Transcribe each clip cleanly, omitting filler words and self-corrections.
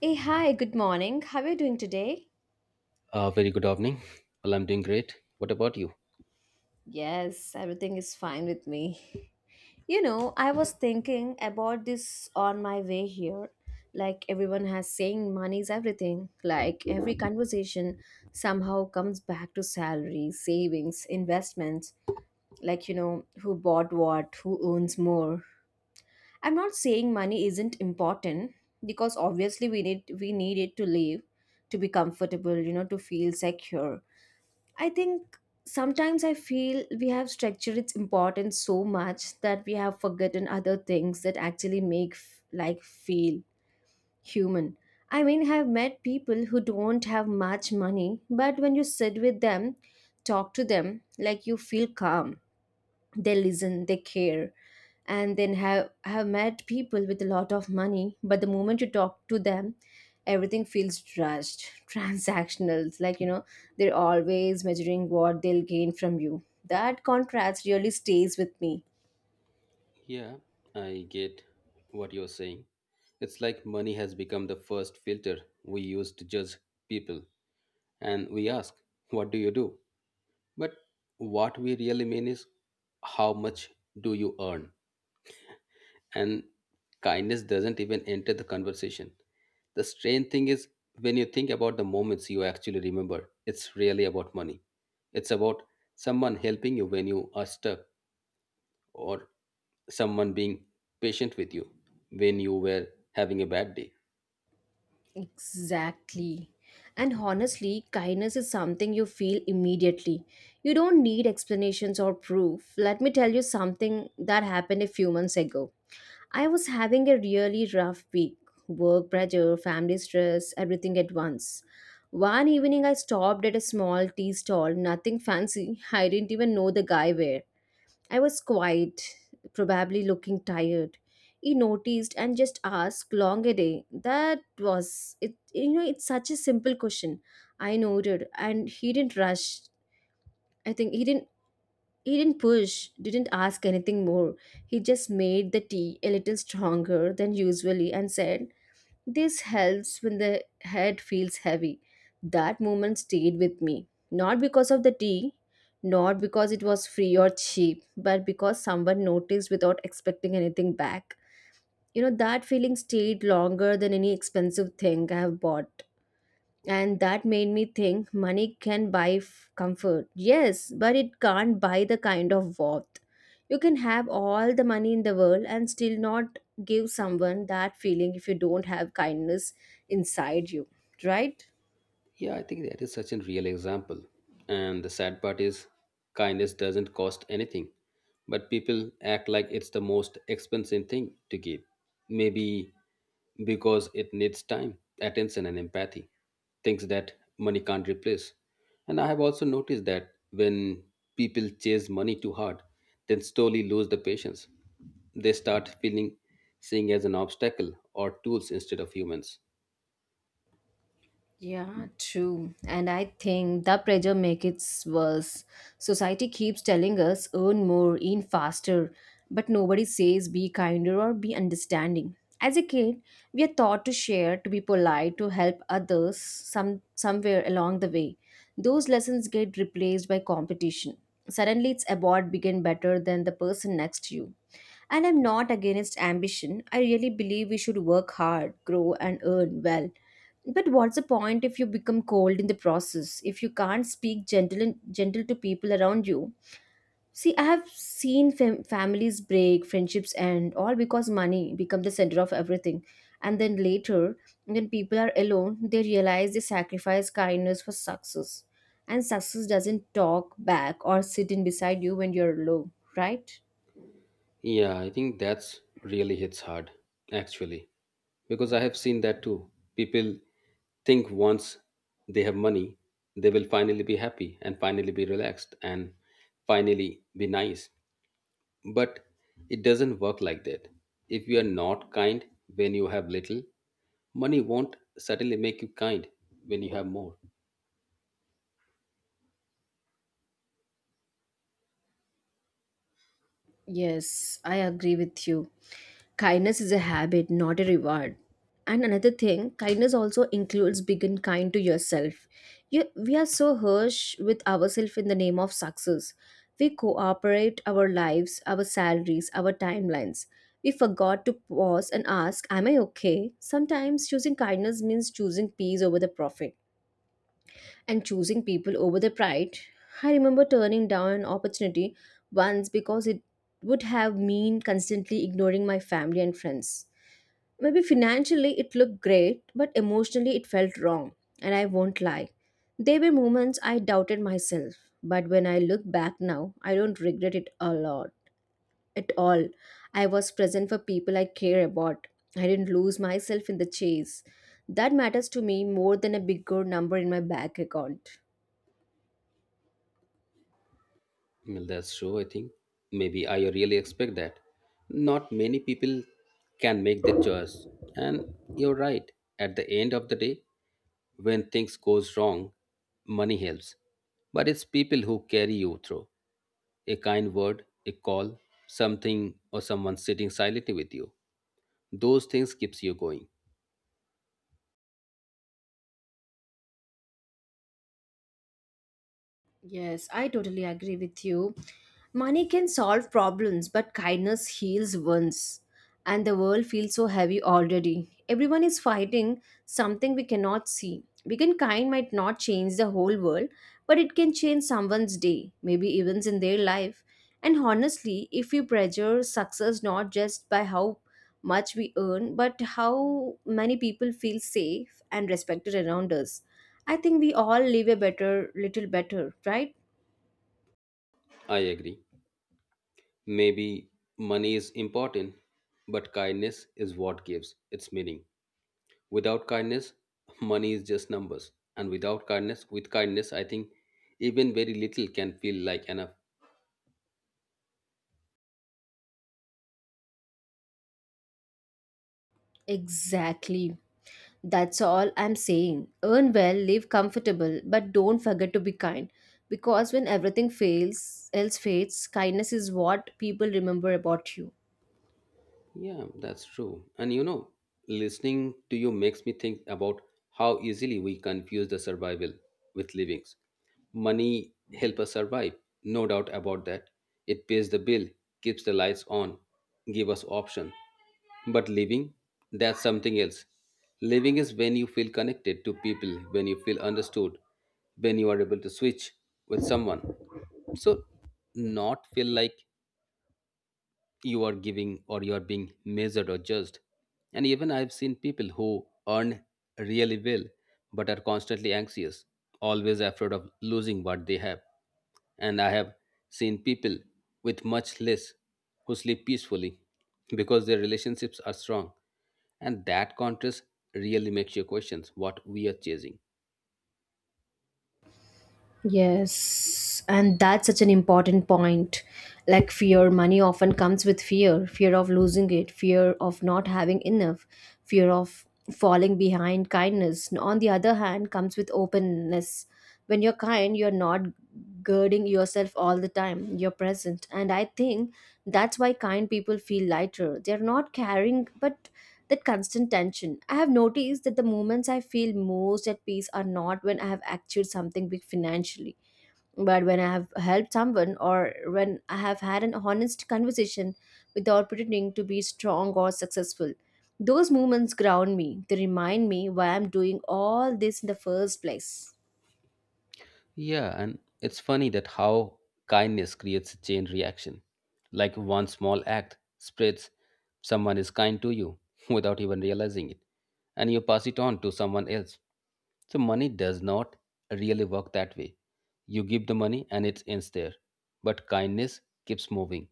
Hey, hi, good morning. How are you doing today? Very good evening. Well, I'm doing great. What about you? Yes, everything is fine with me. I was thinking about this on my way here. Like everyone has saying money is everything. Like every conversation somehow comes back to salary, savings, investments. Like, who bought what, who owns more. I'm not saying money isn't important because obviously we need it to live, to be comfortable, to feel secure. I think sometimes I feel we have structured its importance so much that we have forgotten other things that actually make like feel human. I mean, I've met people who don't have much money, but when you sit with them, talk to them, like you feel calm. They listen, they care. And then have met people with a lot of money, but the moment you talk to them everything feels rushed transactional. It's like they're always measuring what they'll gain from you. That contrast really stays with me. Yeah, I get what you're saying. It's like money has become the first filter we use to judge people. And we ask, what do you do? But what we really mean is, how much do you earn? And kindness doesn't even enter the conversation. The strange thing is, when you think about the moments you actually remember, it's really about money. It's about someone helping you when you are stuck or someone being patient with you when you were having a bad day. Exactly. And honestly, kindness is something you feel immediately. You don't need explanations or proof. Let me tell you something that happened a few months ago. I was having a really rough week, work pressure, family stress, everything at once. One evening, I stopped at a small tea stall, nothing fancy. I didn't even know the guy where. I was quiet, probably looking tired. He noticed and just asked, long a day. That was it. You know, it's such a simple question. I noted, and he didn't rush. I think he didn't push, didn't ask anything more. He just made the tea a little stronger than usually and said, "This helps when the head feels heavy." That moment stayed with me. Not because of the tea, not because it was free or cheap, but because someone noticed without expecting anything back. You know, that feeling stayed longer than any expensive thing I have bought. And that made me think money can buy comfort, yes, but it can't buy the kind of warmth. You can have all the money in the world and still not give someone that feeling if you don't have kindness inside you, right? Yeah, I think that is such a real example. And the sad part is, kindness doesn't cost anything, but people act like it's the most expensive thing to give. Maybe because it needs time, attention, and empathy, things that money can't replace. And I have also noticed that when people chase money too hard, then slowly lose the patience. They start feeling seeing as an obstacle or tools instead of humans. Yeah, true. And I think the pressure makes it worse. Society keeps telling us earn more, earn faster, but nobody says be kinder or be understanding. As a kid, we are taught to share, to be polite, to help others, somewhere along the way. Those lessons get replaced by competition. Suddenly it's about begin better than the person next to you. And I'm not against ambition. I really believe we should work hard, grow and earn well, but what's the point if you become cold in the process? If you can't speak gentle and gentle to people around you? See, I have seen families break, friendships end, all because money become the center of everything. And then later, when people are alone, they realize they sacrifice kindness for success. And success doesn't talk back or sit in beside you when you're low, right? Yeah, I think that's really hits hard, actually, because I have seen that too. People think once they have money, they will finally be happy and finally be relaxed and finally be nice. But it doesn't work like that. If you are not kind when you have little, money won't suddenly make you kind when you have more. Yes, I agree with you. Kindness is a habit, not a reward. And another thing, kindness also includes being kind to yourself. You, we are so harsh with ourselves in the name of success. We cooperate our lives, our salaries, our timelines. We forgot to pause and ask, am I okay? Sometimes choosing kindness means choosing peace over the profit and choosing people over their pride. I remember turning down an opportunity once because it would have mean constantly ignoring my family and friends. Maybe financially it looked great, but emotionally it felt wrong, and I won't lie. There were moments I doubted myself, but when I look back now, I don't regret it a lot at all. I was present for people I care about. I didn't lose myself in the chase. That matters to me more than a bigger number in my bank account. Well, that's true, I think. Maybe I really expect that. Not many people can make that choice. And you're right. At the end of the day, when things goes wrong, money helps. But it's people who carry you through. A kind word, a call, something or someone sitting silently with you. Those things keeps you going. Yes, I totally agree with you. Money can solve problems, but kindness heals wounds. And the world feels so heavy already. Everyone is fighting something we cannot see. Being kind might not change the whole world, but it can change someone's day, maybe events in their life. And honestly, if we measure success not just by how much we earn, but how many people feel safe and respected around us, I think we all live a better, little better, right? I agree. Maybe money is important, but kindness is what gives its meaning. Without kindness, money is just numbers. And without kindness, with kindness, I think even very little can feel like enough. Exactly. That's all I'm saying. Earn well, live comfortable, but don't forget to be kind. Because when everything fails, else fades, kindness is what people remember about you. Yeah, that's true. And you know, listening to you makes me think about how easily we confuse the survival with livings. Money help us survive, no doubt about that. It pays the bill, keeps the lights on, give us option. But living, that's something else. Living is when you feel connected to people, when you feel understood, when you are able to switch with someone. So, not feel like you are giving or you are being measured or judged. And even I've seen people who earn really well but are constantly anxious, always afraid of losing what they have. And I have seen people with much less who sleep peacefully because their relationships are strong. And that contrast really makes you question what we are chasing. Yes, and that's such an important point. Like fear, money often comes with fear, fear of losing it, fear of not having enough, fear of falling behind kindness. On the other hand, comes with openness. When you're kind, you're not girding yourself all the time, you're present. And I think that's why kind people feel lighter. They're not carrying, but that constant tension. I have noticed that the moments I feel most at peace are not when I have achieved something big financially, but when I have helped someone or when I have had an honest conversation without pretending to be strong or successful. Those moments ground me, they remind me why I'm doing all this in the first place. Yeah, and it's funny that how kindness creates a chain reaction. Like one small act spreads, someone is kind to you without even realizing it, and you pass it on to someone else. So money does not really work that way. You give the money and it ends there. But kindness keeps moving.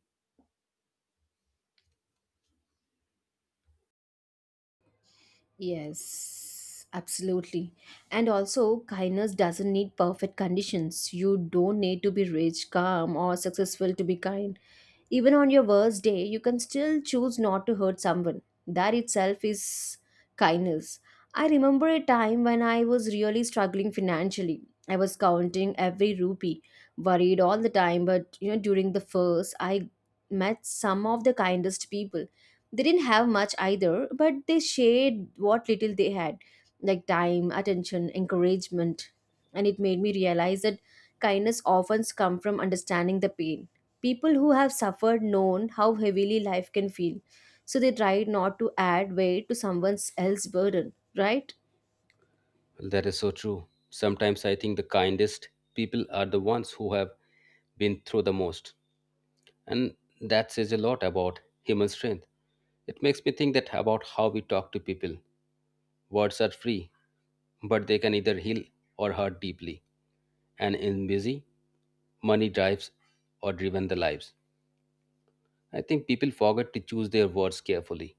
Yes, absolutely. And also, kindness doesn't need perfect conditions. You don't need to be rich, calm, or successful to be kind. Even on your worst day, you can still choose not to hurt someone. That itself is kindness. I remember a time when I was really struggling financially. I was counting every rupee, worried all the time, but you know, during the first, I met some of the kindest people. They didn't have much either, but they shared what little they had, like time, attention, encouragement. And it made me realize that kindness often comes from understanding the pain. People who have suffered known how heavily life can feel, so they try not to add weight to someone else's burden, right? Well, that is so true. Sometimes I think the kindest people are the ones who have been through the most. And that says a lot about human strength. It makes me think that about how we talk to people. Words are free, but they can either heal or hurt deeply. And in busy, money drives or driven the lives. I think people forget to choose their words carefully.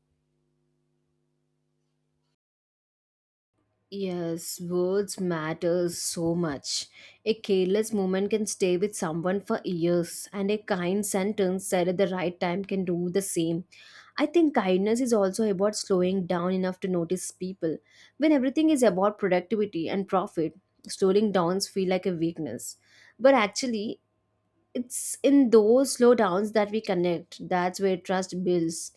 Yes, words matter so much. A careless moment can stay with someone for years, and a kind sentence said at the right time can do the same. I think kindness is also about slowing down enough to notice people. When everything is about productivity and profit, slowing downs feel like a weakness. But actually, it's in those slowdowns that we connect. That's where trust builds,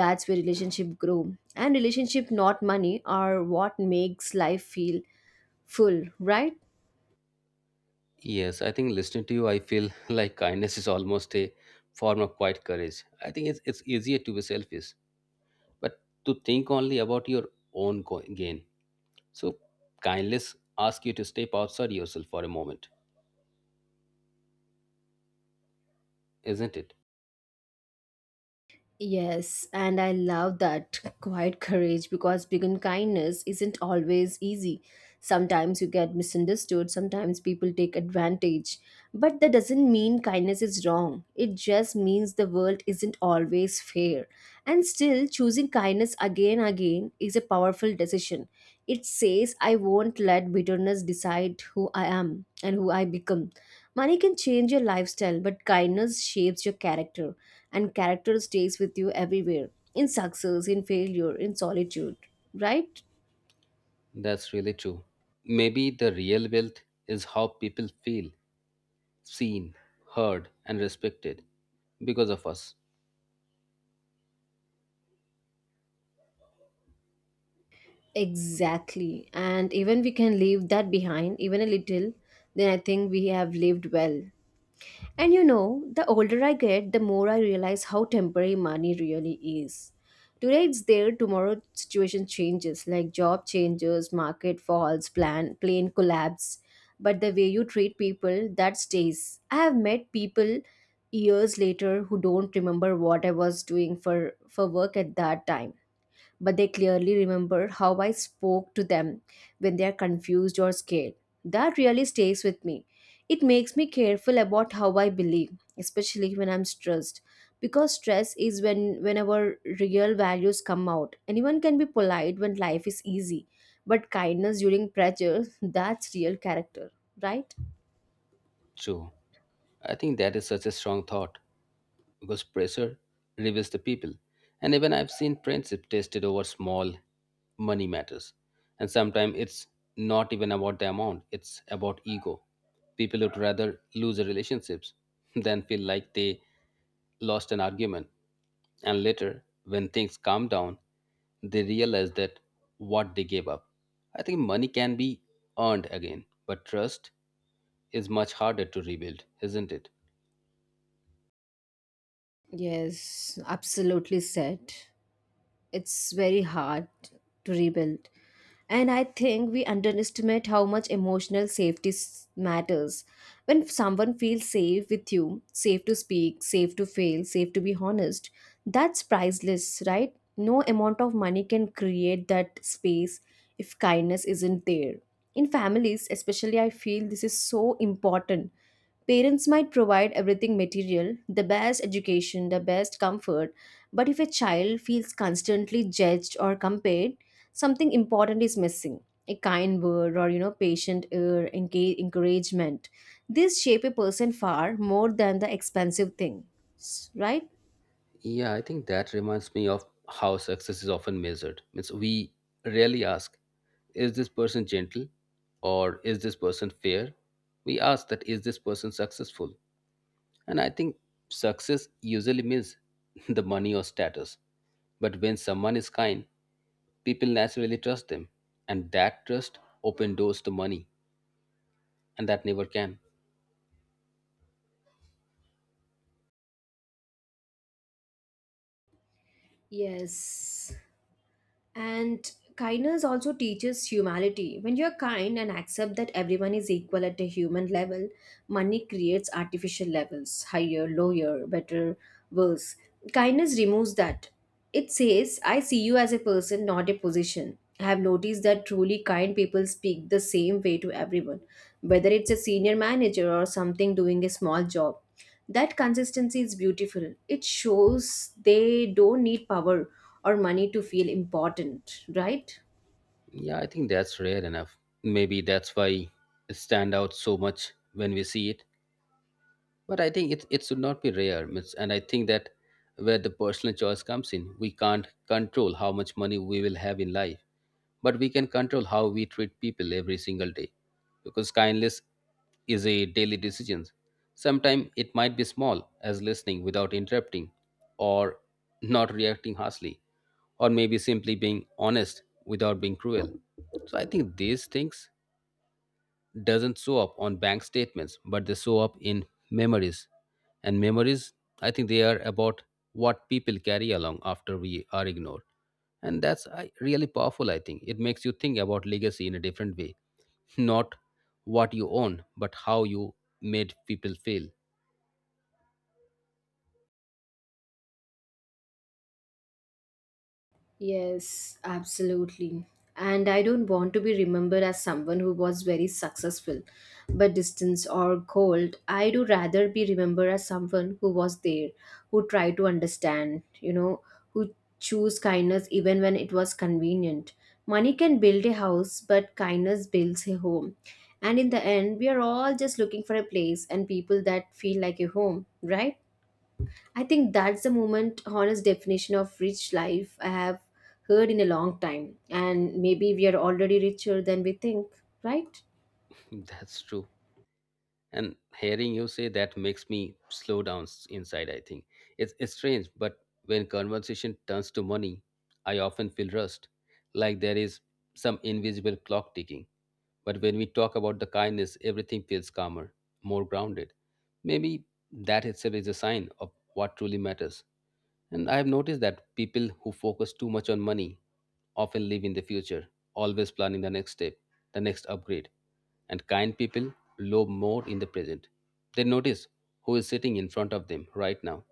that's where relationship grow, and relationship, not money, are what makes life feel full, right? Yes, I think listening to you, I feel like kindness is almost a form of quiet courage. I think it's easier to be selfish, but to think only about your gain. So, kindness asks you to step outside yourself for a moment. Isn't it? Yes, and I love that quiet courage because begin kindness isn't always easy. Sometimes you get misunderstood, sometimes people take advantage. But that doesn't mean kindness is wrong. It just means the world isn't always fair. And still, choosing kindness again and again is a powerful decision. It says, I won't let bitterness decide who I am and who I become. Money can change your lifestyle, but kindness shapes your character, and character stays with you everywhere, in success, in failure, in solitude, right? That's really true. Maybe the real wealth is how people feel seen, heard, and respected because of us. Exactly. And even we can leave that behind, even a little, then I think we have lived well. And you know, the older I get, the more I realize how temporary money really is. Today it's there, tomorrow situation changes, like job changes, market falls, plane collapse. But the way you treat people, that stays. I have met people years later who don't remember what I was doing for work at that time, but they clearly remember how I spoke to them when they are confused or scared. That really stays with me. It makes me careful about how I believe, especially when I'm stressed. Because stress is when whenever real values come out. Anyone can be polite when life is easy, but kindness during pressure, that's real character, right? True. I think that is such a strong thought because pressure reveals the people. And even I've seen friendship tested over small money matters. And sometimes it's not even about the amount, it's about ego. People would rather lose their relationships than feel like they lost an argument. And later, when things calm down, they realize that what they gave up. I think money can be earned again, but trust is much harder to rebuild, isn't it? Yes, absolutely said. It's very hard to rebuild. And I think we underestimate how much emotional safety matters. When someone feels safe with you, safe to speak, safe to fail, safe to be honest, that's priceless, right? No amount of money can create that space if kindness isn't there. In families, especially, I feel this is so important. Parents might provide everything material, the best education, the best comfort, but if a child feels constantly judged or compared, something important is missing. A kind word, or patient ear engage, encouragement. This shape a person far more than the expensive thing, right? Yeah, I think that reminds me of how success is often measured. Means we rarely ask, is this person gentle or is this person fair? We ask that is this person successful? And I think success usually means the money or status. But when someone is kind, people naturally trust them. And that trust open doors to money, and that never can. Yes. And kindness also teaches humanity. When you're kind and accept that everyone is equal at a human level, money creates artificial levels, higher, lower, better, worse. Kindness removes that. It says, I see you as a person, not a position. I have noticed that truly kind people speak the same way to everyone, whether it's a senior manager or something doing a small job. That consistency is beautiful. It shows they don't need power or money to feel important, right? Yeah, I think that's rare enough. Maybe that's why it stand out so much when we see it. But I think it should not be rare. It's- And I think that where the personal choice comes in, we can't control how much money we will have in life, but we can control how we treat people every single day. Because kindness is a daily decision. Sometimes it might be small, as listening without interrupting or not reacting harshly or maybe simply being honest without being cruel. So I think these things doesn't show up on bank statements, but they show up in memories. And memories, I think they are about what people carry along after we are ignored. And that's I, really powerful. I think it makes you think about legacy in a different way, not what you own but how you made people feel. Yes, absolutely. And I don't want to be remembered as someone who was very successful, but distant or cold. I do rather be remembered as someone who was there, who tried to understand, who chose kindness even when it was convenient. Money can build a house, but kindness builds a home. And in the end, we are all just looking for a place and people that feel like a home, right? I think that's the moment honest definition of rich life I have heard in a long time. And maybe we are already richer than we think, right? That's true. And hearing you say that makes me slow down inside. I think it's strange, but when conversation turns to money I often feel rushed, like there is some invisible clock ticking. But when we talk about the kindness everything feels calmer, more grounded. Maybe that itself is a sign of what truly matters. And I have noticed that people who focus too much on money often live in the future, always planning the next step, the next upgrade. And kind people live more in the present. They notice who is sitting in front of them right now.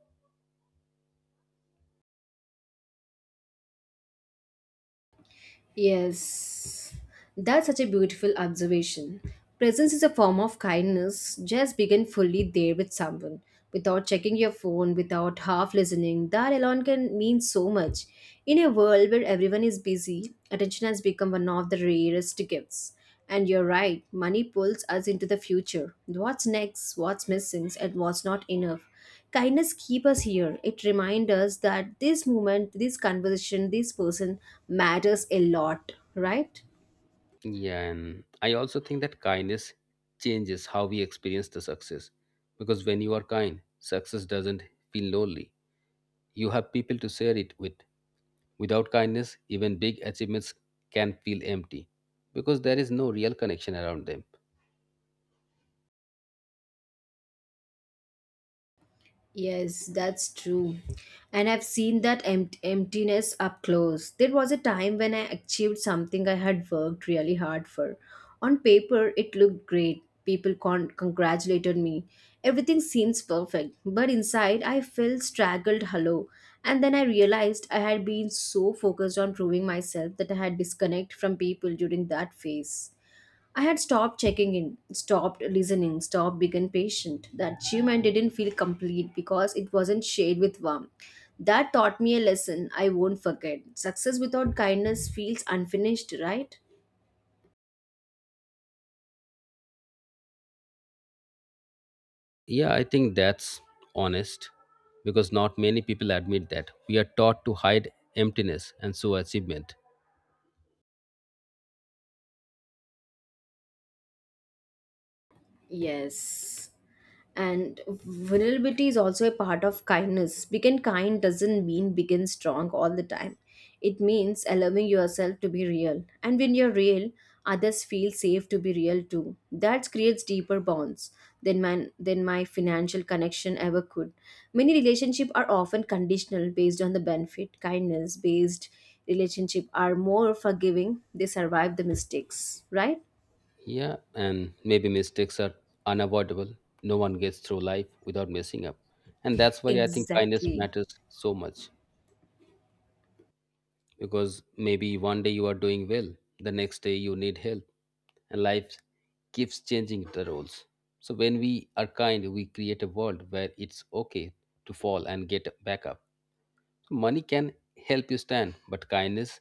Yes. That's such a beautiful observation. Presence is a form of kindness. Just begin fully there with someone. Without checking your phone, without half listening, that alone can mean so much. In a world where everyone is busy, attention has become one of the rarest gifts. And you're right, money pulls us into the future. What's next, what's missing, and what's not enough. Kindness keeps us here. It reminds us that this moment, this conversation, this person matters a lot, right? Yeah, and I also think that kindness changes how we experience the success. Because when you are kind, success doesn't feel lonely. You have people to share it with. Without kindness, even big achievements can feel empty because there is no real connection around them. Yes, that's true. And I've seen that emptiness up close. There was a time when I achieved something I had worked really hard for. On paper, it looked great. People congratulated me. Everything seems perfect. But inside, I felt straggled hollow. And then I realized I had been so focused on proving myself that I had disconnected from people during that phase. I had stopped checking in, stopped listening, stopped being patient. The achievement didn't feel complete because it wasn't shared with warmth. That taught me a lesson I won't forget. Success without kindness feels unfinished, right? Yeah, I think that's honest because not many people admit that. We are taught to hide emptiness and so achievement. Yes. And vulnerability is also a part of kindness. Being kind doesn't mean being strong all the time. It means allowing yourself to be real, and when you're real, others feel safe to be real too. That creates deeper bonds than my financial connection ever could. Many relationships are often conditional based on the benefit. Kindness based relationships are more forgiving. They survive the mistakes, right? Yeah, and maybe mistakes are unavoidable. No one gets through life without messing up. And that's why I think kindness Exactly. matters so much because maybe one day you are doing well, the next day you need help, and life keeps changing the roles. So when we are kind, we create a world where it's okay to fall and get back up. Money can help you stand, but kindness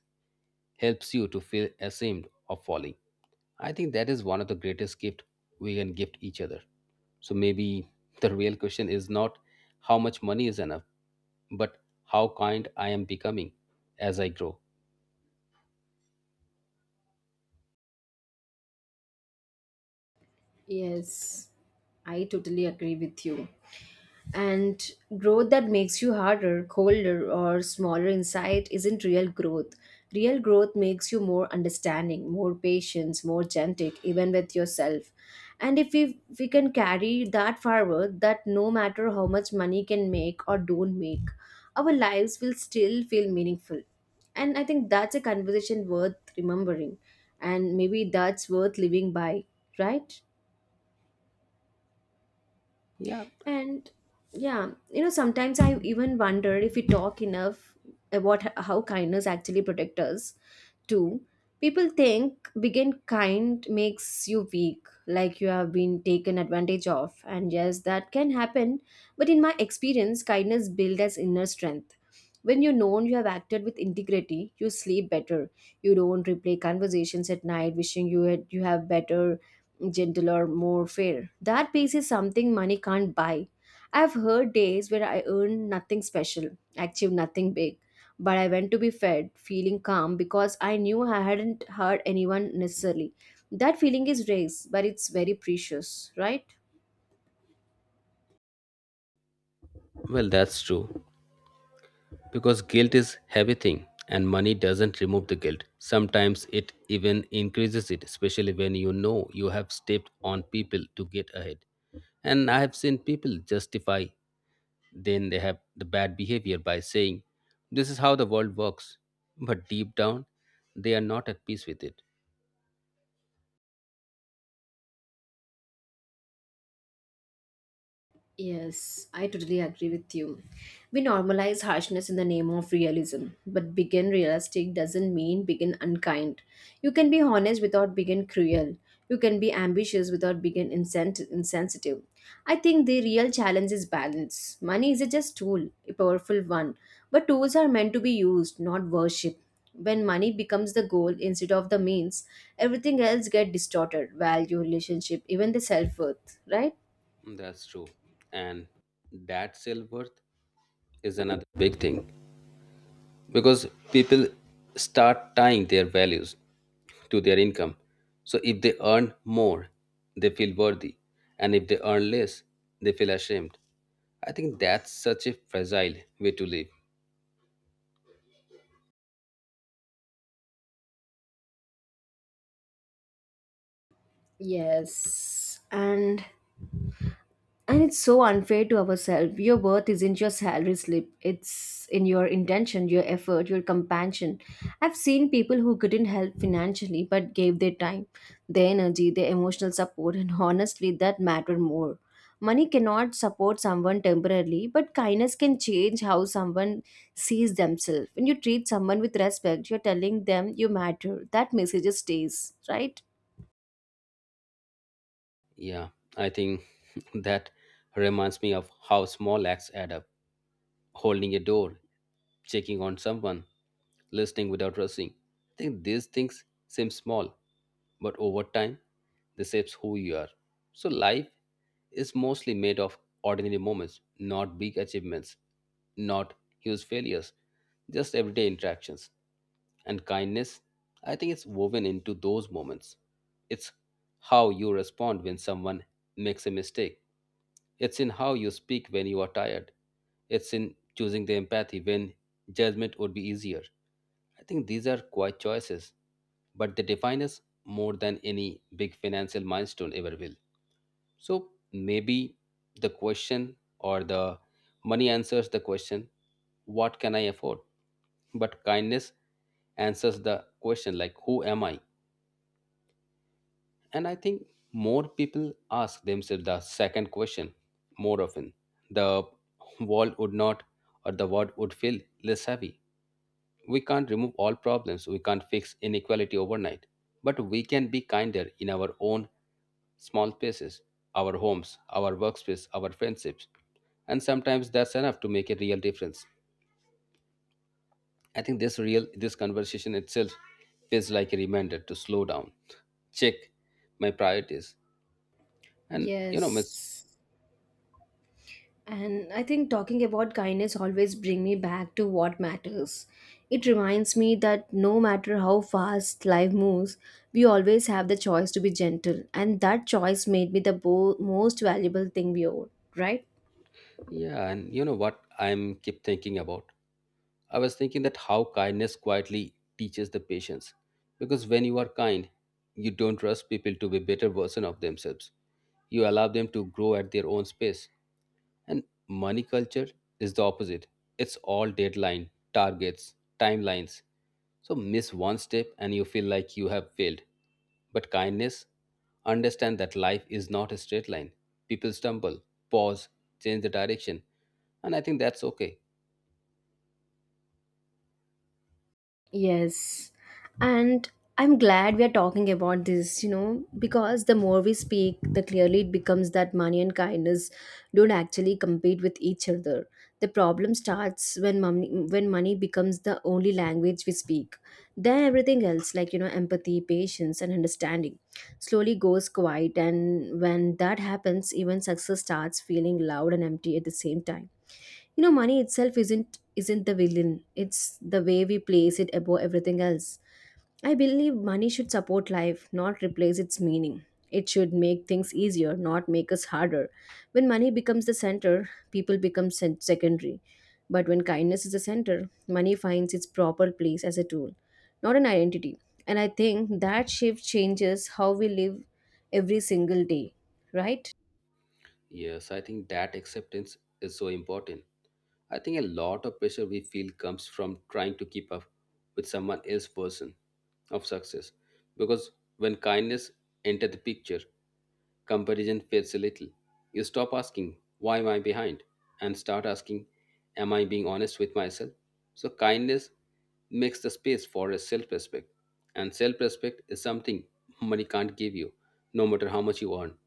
helps you to feel ashamed of falling. I think that is one of the greatest gift we can gift each other. So maybe the real question is not how much money is enough, but how kind I am becoming as I grow. Yes, I totally agree with you. And growth that makes you harder, colder, or smaller inside isn't real growth. Real growth makes you more understanding, more patient, more gentle, even with yourself. And if we can carry that forward, that no matter how much money can make or don't make, our lives will still feel meaningful. And I think that's a conversation worth remembering. And maybe that's worth living by, right? Yeah, And yeah, sometimes I even wonder if we talk enough about how kindness actually protects us, too. People think being kind makes you weak, like you have been taken advantage of. And yes, that can happen. But in my experience, kindness builds as inner strength. When you know you have acted with integrity, you sleep better. You don't replay conversations at night, wishing you had you have better gentler, more fair. That peace is something money can't buy. I've heard days where I earned nothing special, achieved nothing big, but I went to be fed, feeling calm because I knew I hadn't hurt anyone necessarily. That feeling is race, but it's very precious, right? well, that's true. Because guilt is heavy thing and money doesn't remove the guilt. Sometimes it even increases it, especially when you know you have stepped on people to get ahead. And I have seen people justify then they have the bad behavior by saying this is how the world works. But deep down they are not at peace with it. Yes, I totally agree with you. We normalize harshness in the name of realism, but begin realistic doesn't mean begin unkind. You can be honest without begin cruel. You can be ambitious without begin insensitive. I think the real challenge is balance. Money is a just tool, a powerful one, but tools are meant to be used, not worshipped. When money becomes the goal instead of the means, everything else get distorted value, relationship, even the self worth, right? That's true. And that self worth is another big thing. Because people start tying their values to their income. So if they earn more, they feel worthy, and if they earn less, they feel ashamed. I think that's such a fragile way to live. Yes, and it's so unfair to ourselves. Your worth isn't your salary slip. It's in your intention, your effort, your compassion. I've seen people who couldn't help financially but gave their time, their energy, their emotional support, and honestly, that mattered more. Money cannot support someone temporarily, but kindness can change how someone sees themselves. When you treat someone with respect, you're telling them you matter. That message stays, right? Yeah, I think that reminds me of how small acts add up. Holding a door, checking on someone, listening without rushing. I think these things seem small, but over time, they shapes who you are. So life is mostly made of ordinary moments, not big achievements, not huge failures, just everyday interactions and kindness, I think it's woven into those moments. It's how you respond when someone makes a mistake. It's in how you speak when you are tired. It's in choosing the empathy when judgment would be easier. I think these are quite choices, but they define us more than any big financial milestone ever will. So maybe the question or the money answers the question, what can I afford? But kindness answers the question, like, who am I? And I think more people ask themselves the second question more often. The world would not, or the world would feel less heavy. We can't remove all problems, we can't fix inequality overnight, but we can be kinder in our own small spaces, our homes, our workspace, our friendships. And sometimes that's enough to make a real difference. I think this real this conversation itself feels like a reminder to slow down, check my priorities. And you know, miss Yes. And I think talking about kindness always bring me back to what matters. It reminds me that no matter how fast life moves, we always have the choice to be gentle, and that choice made me the most valuable thing we own, right? yeah, and you know what I'm keep thinking about? I was thinking that how kindness quietly teaches the patience. Because when you are kind, you don't rush people to be better version of themselves. You allow them to grow at their own space. And money culture is the opposite. It's all deadline, targets, timelines. So miss one step and you feel like you have failed. But kindness, understand that life is not a straight line. People stumble, pause, change the direction. And I think that's okay. Yes. And I'm glad we are talking about this, because the more we speak, the clearly it becomes that money and kindness don't actually compete with each other. The problem starts when money becomes the only language we speak. Then everything else, empathy, patience, and understanding, slowly goes quiet. And when that happens, even success starts feeling loud and empty at the same time. You know, money itself isn't the villain. It's the way we place it above everything else. I believe money should support life, not replace its meaning. It should make things easier, not make us harder. When money becomes the center, people become secondary. But when kindness is the center, money finds its proper place as a tool, not an identity. And I think that shift changes how we live every single day, right? Yes, I think that acceptance is so important. I think a lot of pressure we feel comes from trying to keep up with someone else's version of success. Because when kindness enters the picture, comparison fades a little. You stop asking, why am I behind? And start asking, am I being honest with myself? So kindness makes the space for a self-respect. And self-respect is something money can't give you, no matter how much you earn.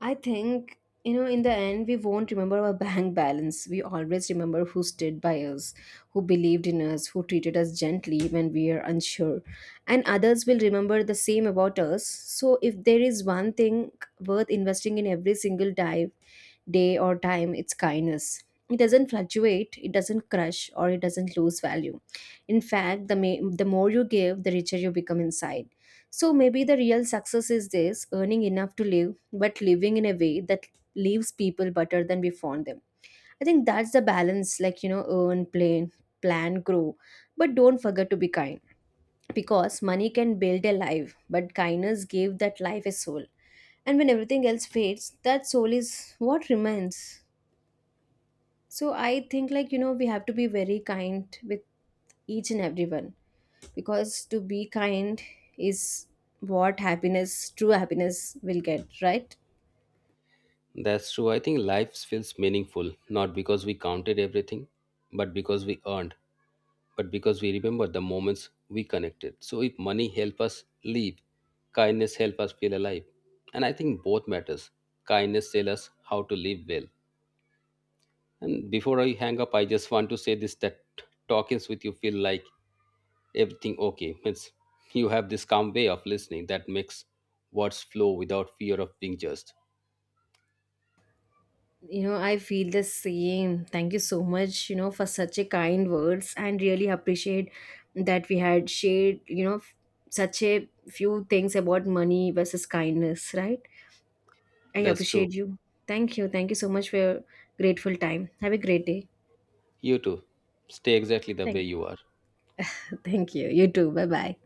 I think, in the end, we won't remember our bank balance. We always remember who stood by us, who believed in us, who treated us gently when we are unsure. And others will remember the same about us. So, if there is one thing worth investing in every single day, day or time its kindness. It doesn't fluctuate, it doesn't crush, or it doesn't lose value. In fact, the more you give, the richer you become inside. So maybe the real success is this earning enough to live, but living in a way that leaves people better than we found them. I think that's the balance. Earn, plan, grow, but don't forget to be kind. Because money can build a life, but kindness gave that life a soul. And when everything else fades, that soul is what remains. So I think we have to be very kind with each and everyone, because to be kind is what happiness, true happiness will get, right? That's true. I think life feels meaningful, not because we counted everything, but because we earned, but because we remember the moments we connected. So if money help us live, kindness help us feel alive. And I think both matters. Kindness tell us how to live well. And before I hang up, I just want to say this that talkings with you feel like everything okay. Means you have this calm way of listening that makes words flow without fear of being judged. You know, I feel the same. Thank you so much, for such a kind words, and really appreciate that we had shared, such a few things about money versus kindness, right? I That's true. appreciate you. Thank you, thank you so much for your grateful time. Have a great day. You too. Stay exactly the way Thank you are. you, thank you, you too, bye bye.